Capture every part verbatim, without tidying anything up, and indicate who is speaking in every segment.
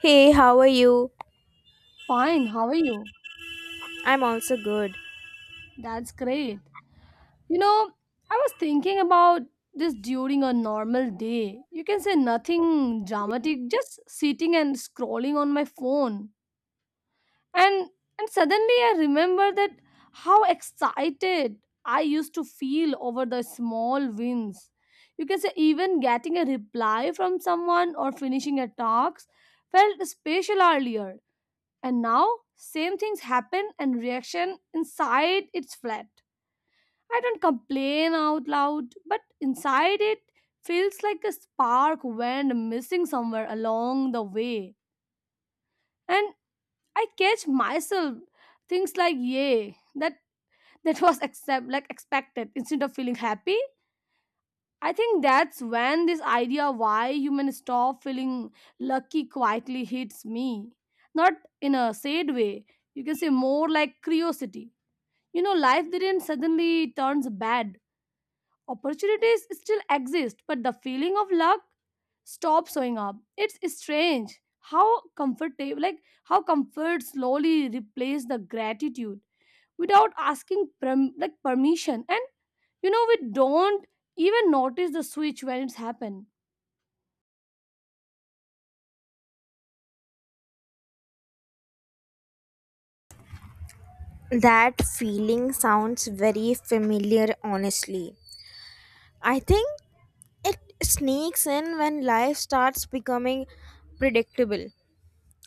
Speaker 1: Hey, how are you?
Speaker 2: Fine, how are you?
Speaker 1: I'm also good.
Speaker 2: That's great. You know, I was thinking about this during a normal day. You can say nothing dramatic, just sitting and scrolling on my phone. And and suddenly I remember that how excited I used to feel over the small wins. You can say even getting a reply from someone or finishing a task felt special earlier. And now same things happen and reaction inside it's flat. I don't complain out loud, but inside it feels like a spark went missing somewhere along the way. And I catch myself things like yay, that that was accept like expected instead of feeling happy. I think that's when this idea why humans stop feeling lucky quietly hits me. Not in a sad way. You can say more like curiosity. You know, life didn't suddenly turns bad. Opportunities still exist, but the feeling of luck stops showing up. It's strange how comfortable, like how comfort slowly replaces the gratitude without asking perm- like permission. And you know, we don't even notice the switch when it's happened.
Speaker 1: That feeling sounds very familiar, honestly. I think it sneaks in when life starts becoming predictable.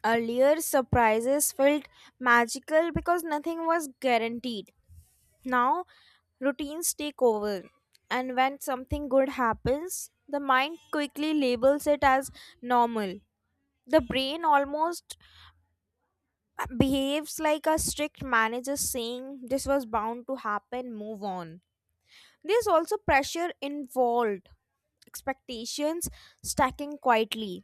Speaker 1: Earlier, surprises felt magical because nothing was guaranteed. Now, routines take over, and when something good happens, the mind quickly labels it as normal. The brain almost behaves like a strict manager saying, this was bound to happen, move on. There's also pressure involved, expectations stacking quietly.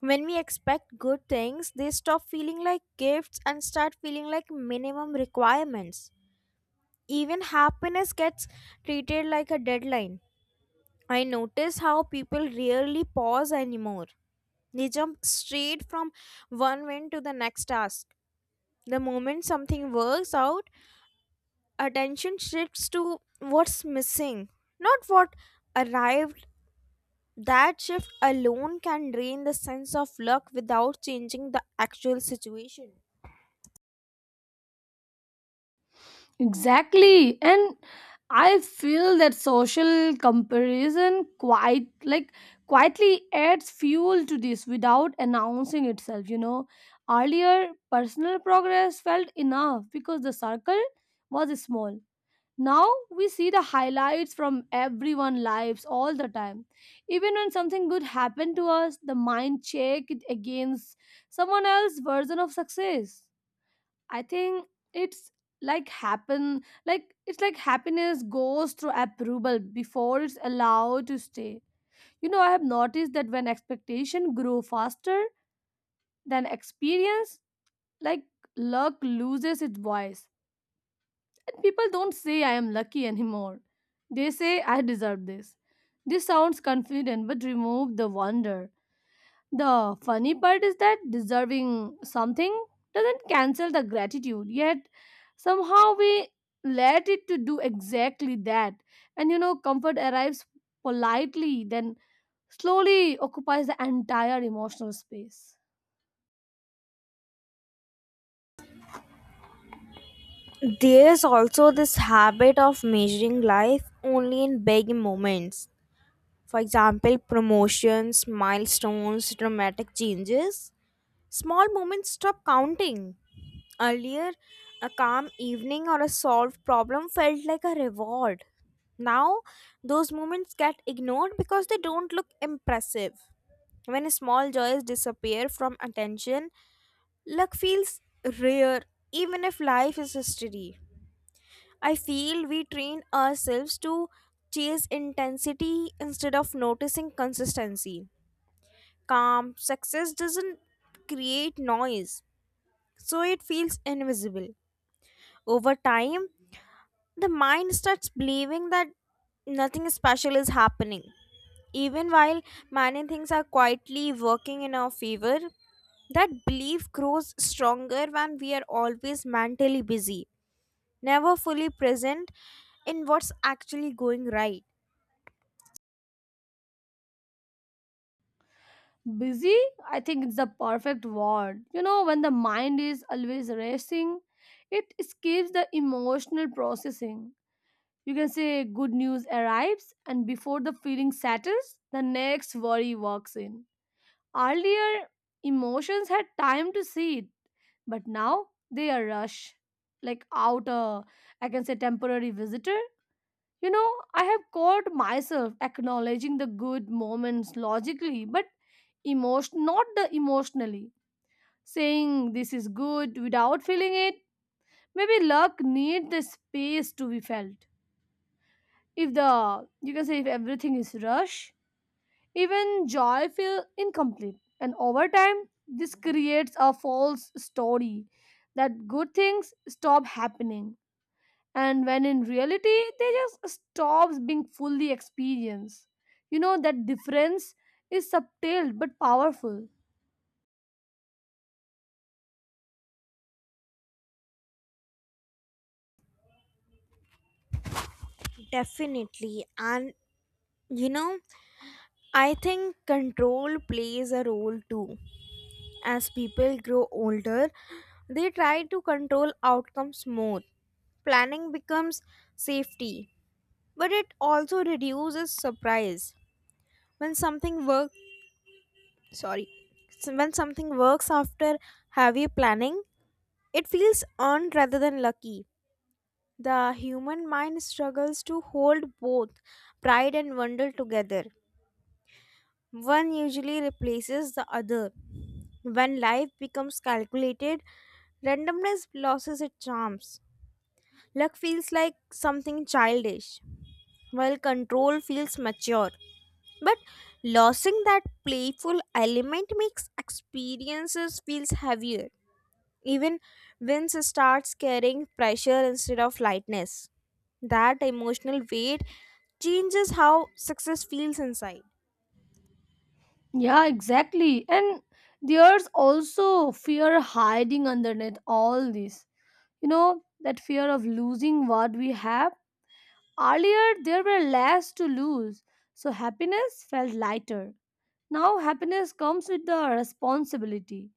Speaker 1: When we expect good things, they stop feeling like gifts and start feeling like minimum requirements. Even happiness gets treated like a deadline. I notice how people rarely pause anymore. They jump straight from one win to the next task. The moment something works out, attention shifts to what's missing, not what arrived. That shift alone can drain the sense of luck without changing the actual situation.
Speaker 2: Exactly. And I feel that social comparison quite like quietly adds fuel to this without announcing itself, you know. Earlier personal progress felt enough because the circle was small. Now we see the highlights from everyone's lives all the time. Even when something good happened to us, the mind check it against someone else's version of success. I think it's like happen like it's like happiness goes through approval before it's allowed to stay. You know, I have noticed that when expectation grow faster than experience, like luck loses its voice. And people don't say I am lucky anymore. They say I deserve this. This sounds confident but remove the wonder. The funny part is that deserving something doesn't cancel the gratitude, yet somehow we let it to do exactly that. And you know, comfort arrives politely, then slowly occupies the entire emotional space.
Speaker 1: There's also this habit of measuring life only in big moments. For example, promotions, milestones, dramatic changes. Small moments stop counting. Earlier, a calm evening or a solved problem felt like a reward. Now, those moments get ignored because they don't look impressive. When small joys disappear from attention, luck feels rare even if life is a steady. I feel we train ourselves to chase intensity instead of noticing consistency. Calm success doesn't create noise, so it feels invisible. Over time, the mind starts believing that nothing special is happening, even while many things are quietly working in our favor. That belief grows stronger when we are always mentally busy, never fully present in what's actually going right.
Speaker 2: Busy, I think it's the perfect word. You know, when the mind is always racing, it escapes the emotional processing. You can say good news arrives, and before the feeling settles, the next worry walks in. Earlier, emotions had time to seed, but now they are rush. Like out a, I can say temporary visitor. You know, I have caught myself acknowledging the good moments logically, but emotion, not the emotionally, saying this is good without feeling it. Maybe luck needs the space to be felt. If the you can say if everything is rush, even joy feel incomplete, and over time this creates a false story that good things stop happening and when in reality they just stops being fully experienced. You know that difference is subtle but powerful.
Speaker 1: Definitely. And you know, I think control plays a role too. As people grow older, they try to control outcomes more. Planning becomes safety, but it also reduces surprise. When something work, sorry, s- when something works after heavy planning, it feels earned rather than lucky. The human mind struggles to hold both pride and wonder together. One usually replaces the other. When life becomes calculated, randomness loses its charms. Luck feels like something childish, while control feels mature. But losing that playful element makes experiences feels heavier. Even wins starts carrying pressure instead of lightness. That emotional weight changes how success feels inside.
Speaker 2: Yeah, exactly. And there's also fear hiding underneath all this. You know, that fear of losing what we have. Earlier, there were less to lose, so happiness felt lighter. Now, happiness comes with the responsibility.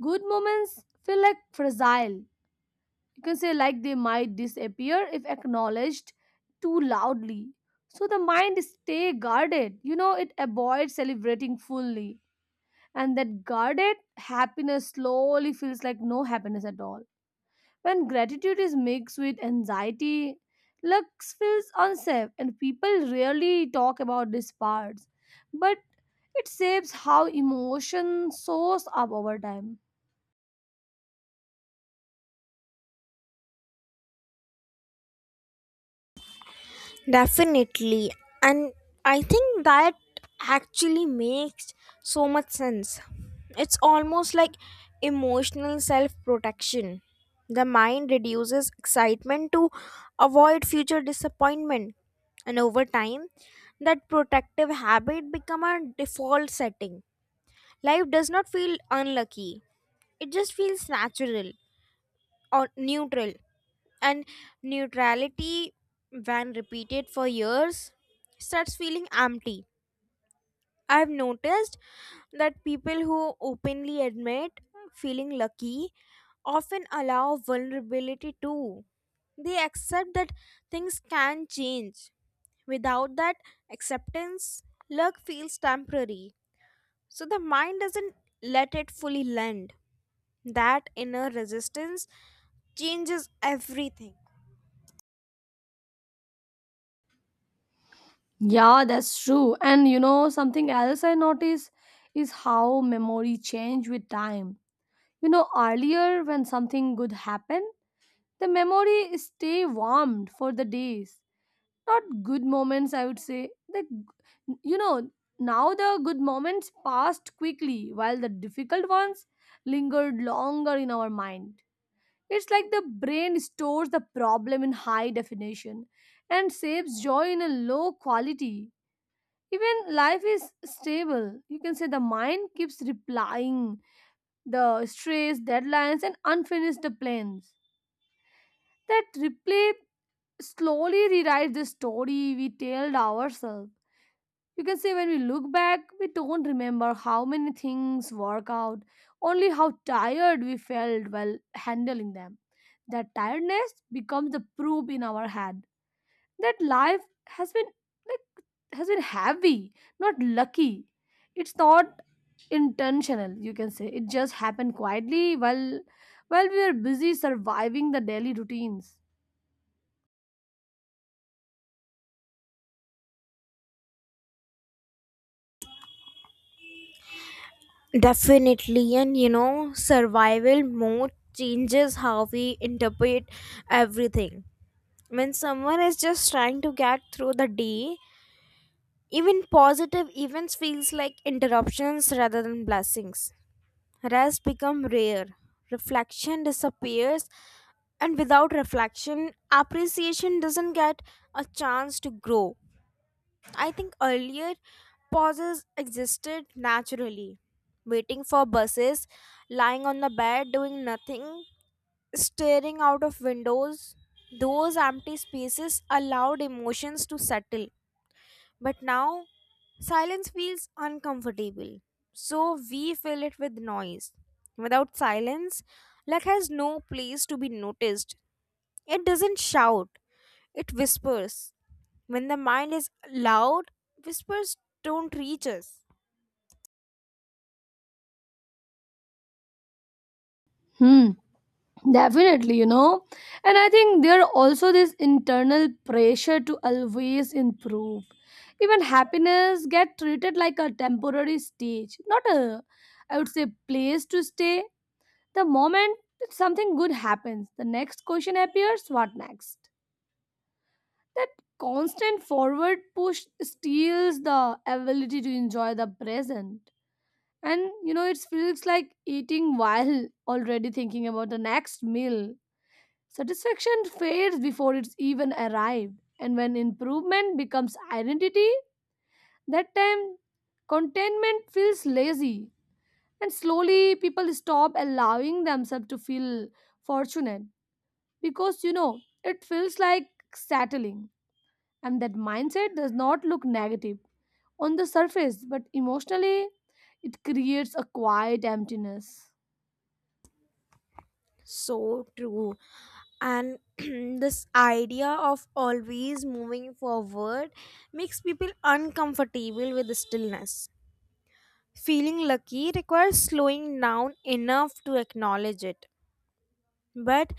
Speaker 2: Good moments feel like fragile. You can say, like they might disappear if acknowledged too loudly. So the mind stay guarded. You know, it avoids celebrating fully. And that guarded happiness slowly feels like no happiness at all. When gratitude is mixed with anxiety, Lux feels unsafe, and people rarely talk about these parts. But it shapes how emotion soars up over time.
Speaker 1: Definitely. And I think that actually makes so much sense. It's almost like emotional self protection. The mind reduces excitement to avoid future disappointment. And over time, that protective habit become a default setting. Life does not feel unlucky. It just feels natural or neutral, and neutrality, when repeated for years, starts feeling empty. I've noticed that people who openly admit feeling lucky often allow vulnerability too. They accept that things can change. Without that acceptance, luck feels temporary, so the mind doesn't let it fully land. That inner resistance changes everything.
Speaker 2: Yeah, that's true. And you know, something else I notice is how memory change with time. You know, earlier when something good happened, the memory stay warmed for the days. Not good moments, I would say. Like, you know, now the good moments passed quickly while the difficult ones lingered longer in our mind. It's like the brain stores the problem in high definition and saves joy in a low quality. Even life is stable, you can say. The mind keeps replying the stress, deadlines, and unfinished plans. That replay slowly rewrites the story we told ourselves. You can say when we look back, we don't remember how many things work out, only how tired we felt while handling them. That tiredness becomes the proof in our head that life has been like has been heavy, not lucky. It's not intentional, you can say. It just happened quietly while while we were busy surviving the daily routines.
Speaker 1: Definitely, and you know, survival mode changes how we interpret everything. When someone is just trying to get through the day, even positive events feels like interruptions rather than blessings. Rest become rare. Reflection disappears, and without reflection, appreciation doesn't get a chance to grow. I think earlier pauses existed naturally. Waiting for buses, lying on the bed, doing nothing, staring out of windows. Those empty spaces allowed emotions to settle. But now, silence feels uncomfortable, so we fill it with noise. Without silence, luck has no place to be noticed. It doesn't shout, it whispers. When the mind is loud, whispers don't reach us.
Speaker 2: Hmm. Definitely, you know. And I think there are also this internal pressure to always improve. Even happiness get treated like a temporary stage, not a, I would say, place to stay. The moment that something good happens, the next question appears, what next? That constant forward push steals the ability to enjoy the present. And you know, it feels like eating while already thinking about the next meal. Satisfaction fades before it's even arrived, and when improvement becomes identity, that time contentment feels lazy, and slowly people stop allowing themselves to feel fortunate, because you know it feels like settling, and that mindset does not look negative on the surface, but emotionally it creates a quiet emptiness.
Speaker 1: So true. And this idea of always moving forward makes people uncomfortable with the stillness. Feeling lucky requires slowing down enough to acknowledge it. But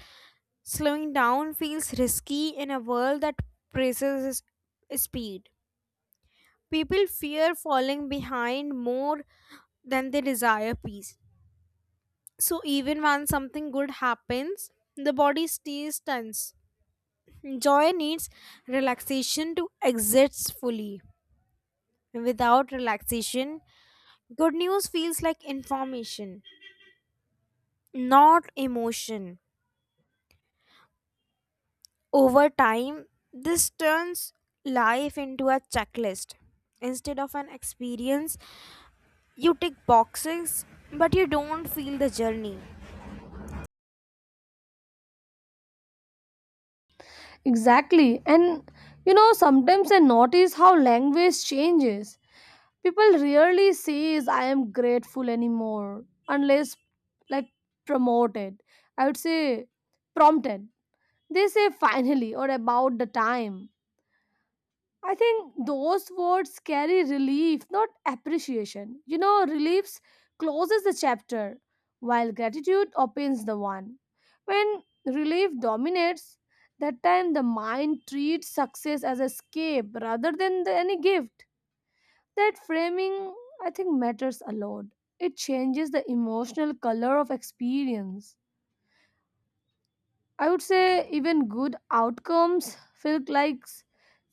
Speaker 1: slowing down feels risky in a world that praises s- speed. People fear falling behind more than they desire peace. So even when something good happens, the body stays tense. Joy needs relaxation to exist fully. Without relaxation, good news feels like information, not emotion. Over time, this turns life into a checklist. Instead of an experience, you tick boxes, but you don't feel the journey.
Speaker 2: Exactly. And you know, sometimes I notice how language changes. People rarely says I am grateful anymore unless, like, promoted. I would say prompted. They say finally or about the time. I think those words carry relief, not appreciation. You know, reliefs closes the chapter, while gratitude opens the one. When relief dominates, that time the mind treats success as escape rather than the, any gift. That framing, I think, matters a lot. It changes the emotional color of experience. I would say even good outcomes feel like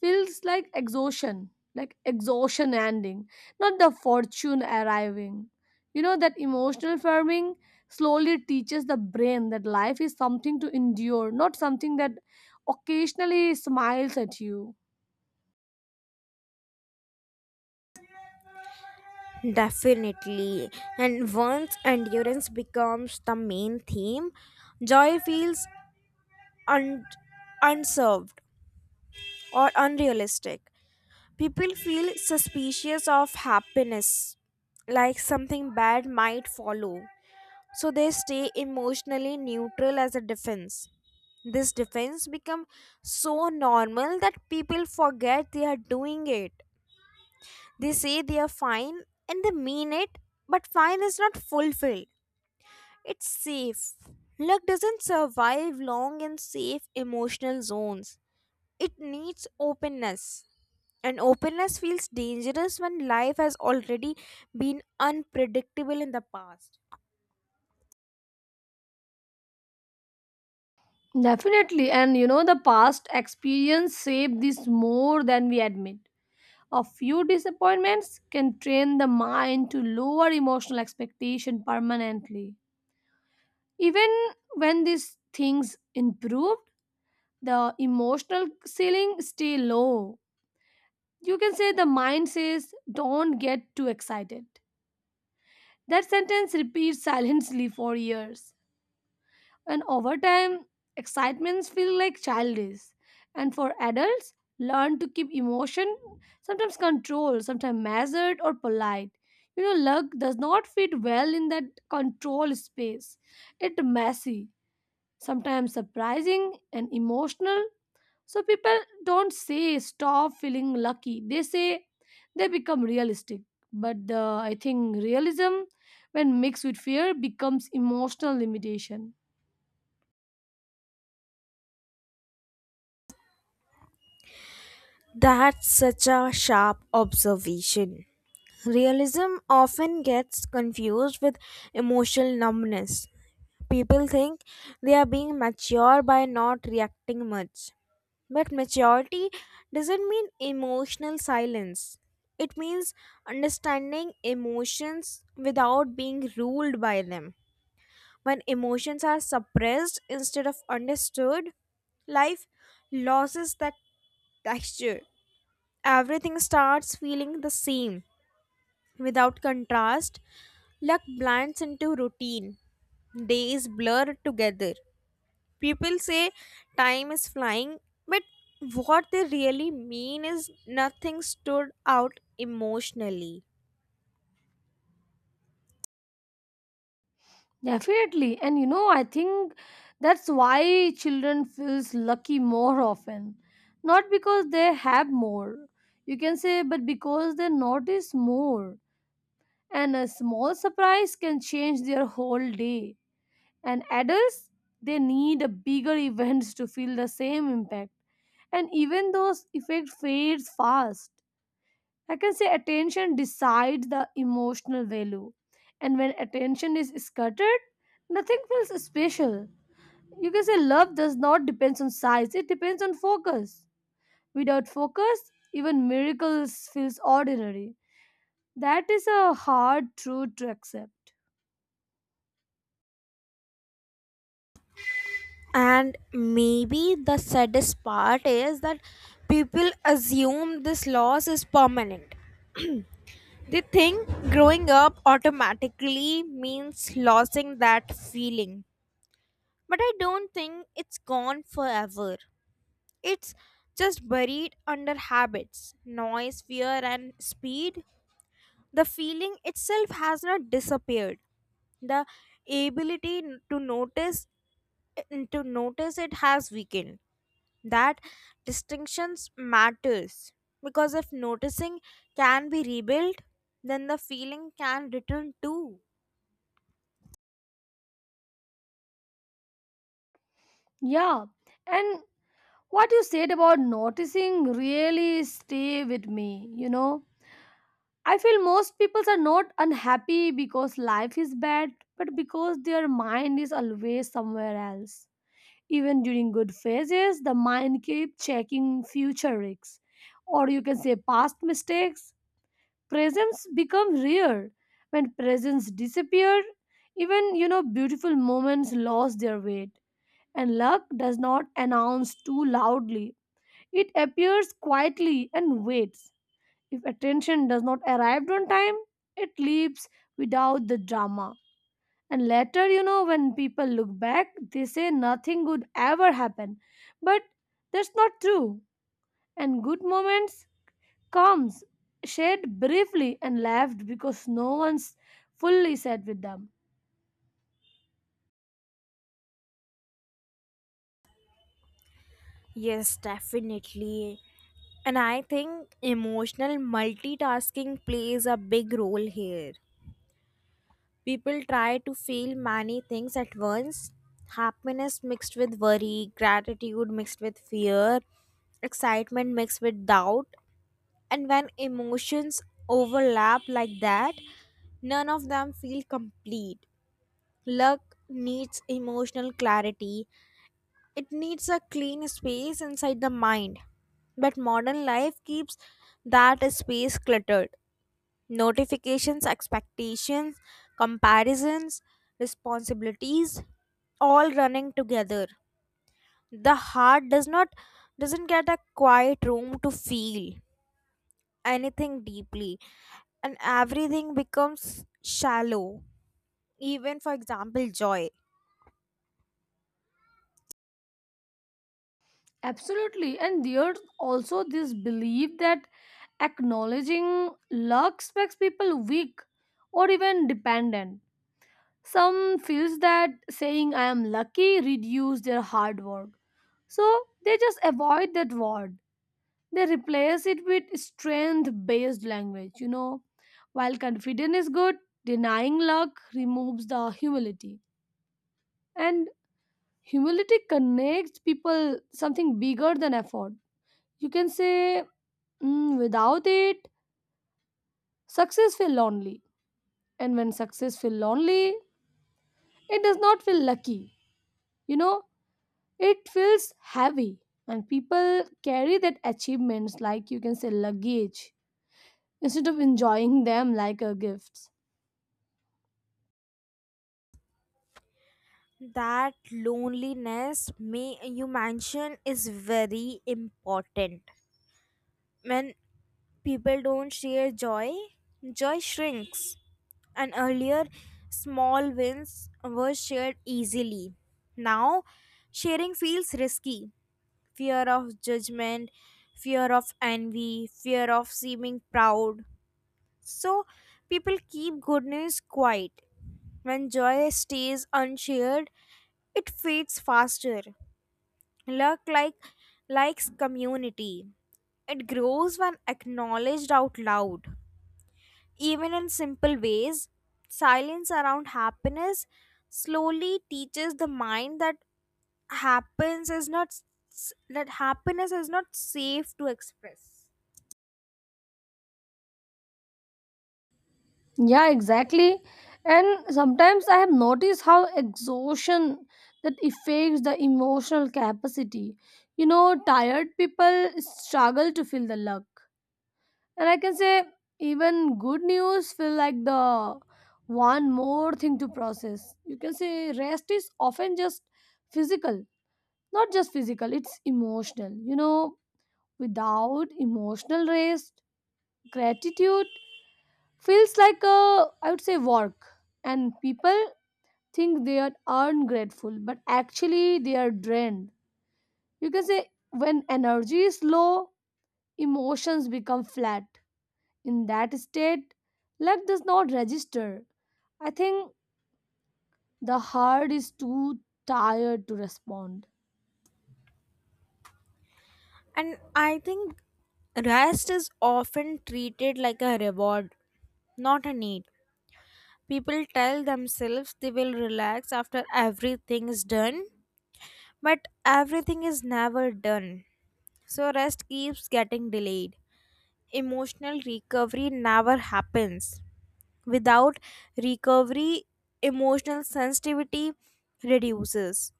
Speaker 2: feels like exhaustion, like exhaustion ending, not the fortune arriving. You know that emotional farming slowly teaches the brain that life is something to endure, not something that occasionally smiles at you.
Speaker 1: Definitely. And once endurance becomes the main theme, joy feels un- unserved or unrealistic. People feel suspicious of happiness, like something bad might follow. So they stay emotionally neutral as a defense. This defense becomes so normal that people forget they are doing it. They say they are fine and they mean it, but fine is not fulfilled. It's safe. Luck doesn't survive long in safe emotional zones. It needs openness. And openness feels dangerous when life has already been unpredictable in the past.
Speaker 2: Definitely. And you know the past experience shaped this more than we admit. A few disappointments can train the mind to lower emotional expectation permanently. Even when these things improved, the emotional ceiling stay low. You can say the mind says, "Don't get too excited." That sentence repeats silently for years, and over time excitements feel like childish, and for adults learn to keep emotion, sometimes controlled, sometimes measured or polite. You know luck does not fit well in that control space. It's messy, sometimes surprising and emotional, so people don't say stop feeling lucky. They say they become realistic. But the I think realism, when mixed with fear, becomes emotional limitation.
Speaker 1: That's such a sharp observation. Realism often gets confused with emotional numbness. People think they are being mature by not reacting much. But maturity doesn't mean emotional silence. It means understanding emotions without being ruled by them. When emotions are suppressed instead of understood, life loses that texture. Everything starts feeling the same. Without contrast, luck blends into routine. Days blur together. People say time is flying, but what they really mean is nothing stood out emotionally.
Speaker 2: Definitely. And you know, I think that's why children feels lucky more often. Not because they have more, you can say, but because they notice more. And a small surprise can change their whole day. And adults, they need a bigger events to feel the same impact. And even those effect fades fast. I can say attention decides the emotional value. And when attention is scattered, nothing feels special. You can say love does not depend on size, it depends on focus. Without focus, even miracles feels ordinary. That is a hard truth to accept.
Speaker 1: And maybe the saddest part is that people assume this loss is permanent. They think growing up automatically means losing that feeling. But I don't think it's gone forever. It's just buried under habits, noise, fear, and speed. The feeling itself has not disappeared. The ability n- to notice n- to notice it has weakened. That distinctions matters, because if noticing can be rebuilt, then the feeling can return too.
Speaker 2: Yeah. And what you said about noticing really stay with me, you know? I feel most people are not unhappy because life is bad, but because their mind is always somewhere else. Even during good phases, the mind keeps checking future risks, or you can say past mistakes. Presence become rare. When presence disappear, even you know beautiful moments lost their weight. And luck does not announce too loudly. It appears quietly and waits. If attention does not arrive on time, it leaves without the drama. And later, you know, when people look back, they say nothing good ever happened. But that's not true. And good moments comes shared briefly and left because no one's fully sat with them.
Speaker 1: Yes, definitely. And I think emotional multitasking plays a big role here. People try to feel many things at once, happiness mixed with worry, gratitude mixed with fear, excitement mixed with doubt. And when emotions overlap like that, none of them feel complete. Luck needs emotional clarity, it needs a clean space inside the mind. But modern life keeps that space cluttered. Notifications, expectations, comparisons, responsibilities, all running together. The heart does not doesn't get a quiet room to feel anything deeply, and everything becomes shallow. Even, for example, joy.
Speaker 2: Absolutely. And there's also this belief that acknowledging luck makes people weak or even dependent. Some feels that saying I am lucky reduce their hard work. So they just avoid that word. They replace it with strength based language, you know. While confidence is good, denying luck removes the humility. And humility connects people something bigger than effort. You can say, "Mm, without it, success feel lonely. And when success feel lonely, it does not feel lucky. You know, it feels heavy, and people carry that achievements like, you can say, luggage instead of enjoying them like a gifts."
Speaker 1: That loneliness may you mention is very important. When people don't share joy, joy shrinks. And earlier, small wins were shared easily. Now, sharing feels risky. Fear of judgment, fear of envy, fear of seeming proud. So, people keep goodness quiet. When joy stays unshared, it fades faster. Luck like likes community. It grows when acknowledged out loud. Even in simple ways, silence around happiness slowly teaches the mind that happens is not s- that happiness is not safe to express.
Speaker 2: Yeah, exactly. And sometimes I have noticed how exhaustion that affects the emotional capacity. You know, tired people struggle to feel the luck. And I can say even good news feel like the one more thing to process. You can say rest is often just physical. Not just physical, it's emotional, you know. Without emotional rest, gratitude feels like a, I would say, work. And people think they are ungrateful, but actually they are drained. You can say when energy is low, emotions become flat. In that state, luck does not register. I think the heart is too tired to respond.
Speaker 1: And I think rest is often treated like a reward, not a need. People tell themselves they will relax after everything is done, but everything is never done. So rest keeps getting delayed. Emotional recovery never happens. Without recovery, emotional sensitivity reduces.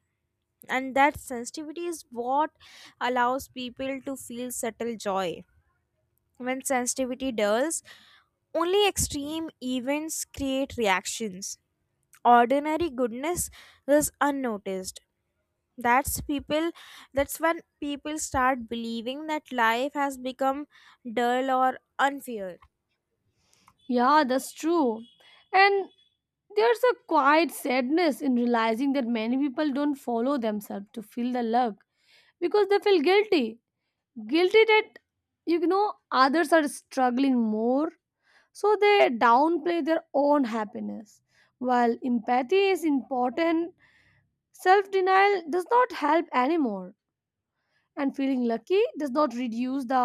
Speaker 1: And that sensitivity is what allows people to feel subtle joy. When sensitivity dulls, only extreme events create reactions. Ordinary goodness is unnoticed. That's people that's when people start believing that life has become dull or unfair.
Speaker 2: Yeah, that's true. And there's a quiet sadness in realizing that many people don't follow themselves to feel the love because they feel guilty. Guilty that, you know, others are struggling more. So they downplay their own happiness. While empathy is important, self denial does not help anymore, and feeling lucky does not reduce the,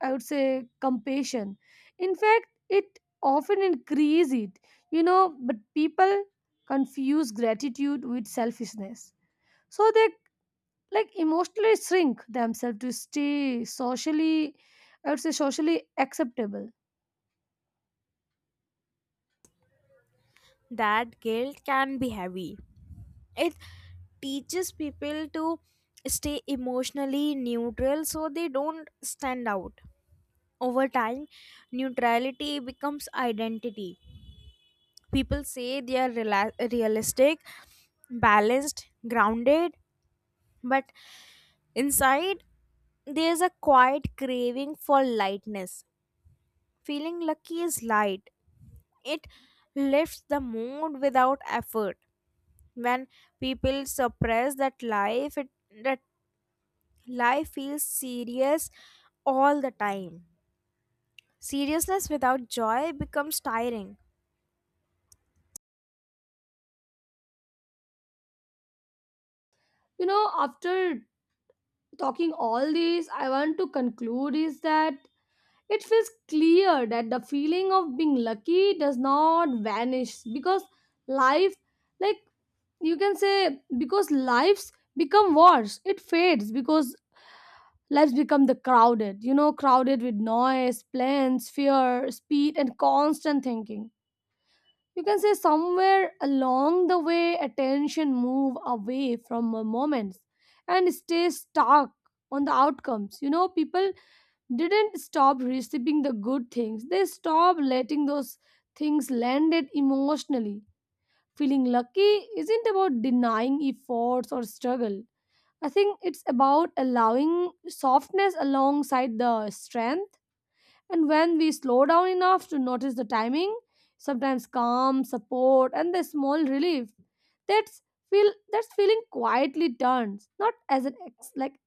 Speaker 2: I would say, compassion. In fact, it often increases it, you know. But people confuse gratitude with selfishness, so they, like, emotionally shrink themselves to stay socially, I would say, socially acceptable.
Speaker 1: That guilt can be heavy. It teaches people to stay emotionally neutral so they don't stand out. Over time, neutrality becomes identity. People say they are rela- realistic, balanced, grounded, but inside there's a quiet craving for lightness. Feeling lucky is light, it lifts the mood without effort. When people suppress that life it that life feels serious all the time. Seriousness without joy becomes tiring.
Speaker 2: You know, after talking all these, I want to conclude is that it feels clear that the feeling of being lucky does not vanish because life, like you can say, because lives become worse. It fades because lives become the crowded, you know, crowded with noise, plans, fear, speed, and constant thinking. You can say somewhere along the way, attention move away from moments and stay stuck on the outcomes. You know, people didn't stop receiving the good things. They stopped letting those things land it emotionally. Feeling lucky isn't about denying efforts or struggle. I think it's about allowing softness alongside the strength. And when we slow down enough to notice the timing, sometimes calm, support, and the small relief, that's feel that's feeling quietly turns not as an ex, like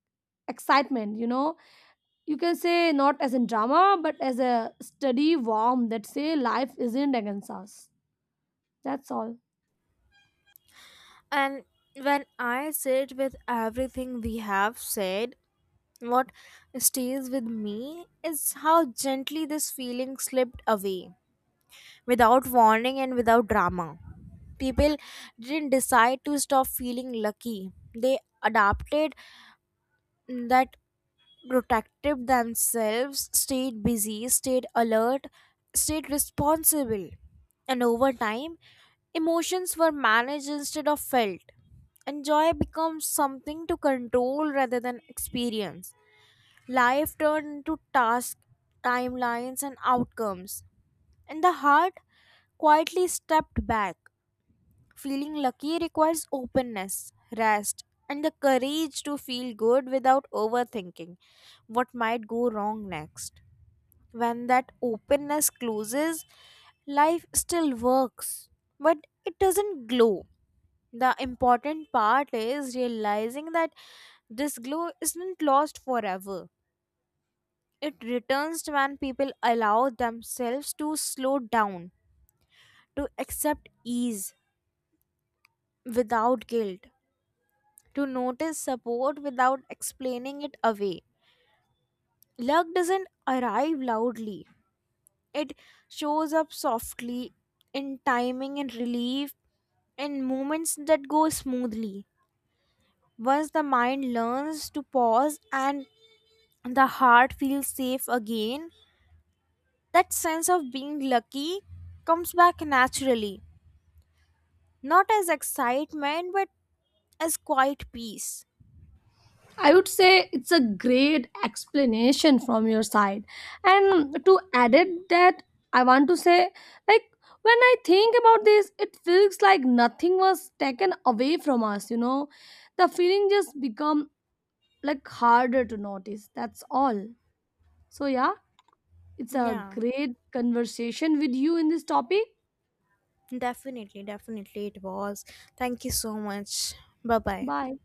Speaker 2: excitement, you know, you can say not as in drama but as a steady warm that say life isn't against us. That's all.
Speaker 1: And when I sit with everything we have said, what stays with me is how gently this feeling slipped away without warning and without drama. People didn't decide to stop feeling lucky, they adapted. That protected themselves, stayed busy, stayed alert, stayed responsible. And over time, emotions were managed instead of felt. And joy becomes something to control rather than experience. Life turned into tasks, timelines, and outcomes. And the heart quietly stepped back. Feeling lucky requires openness, rest, and the courage to feel good without overthinking what might go wrong next. When that openness closes, life still works, but it doesn't glow. The important part is realizing that this glow isn't lost forever. It returns when people allow themselves to slow down, to accept ease without guilt, to notice support without explaining it away. Luck doesn't arrive loudly, it shows up softly in timing and relief, in moments that go smoothly. Once the mind learns to pause and the heart feels safe again, that sense of being lucky comes back naturally, not as excitement but as quiet peace.
Speaker 2: I would say it's a great explanation from your side, and to add it that I want to say, like, when I think about this, it feels like nothing was taken away from us. You know, the feeling just become, like, harder to notice. That's all. So yeah, it's a
Speaker 1: Yeah.
Speaker 2: great conversation with you in this topic.
Speaker 1: Definitely, definitely it was. Thank you so much. Bye bye.
Speaker 2: Bye.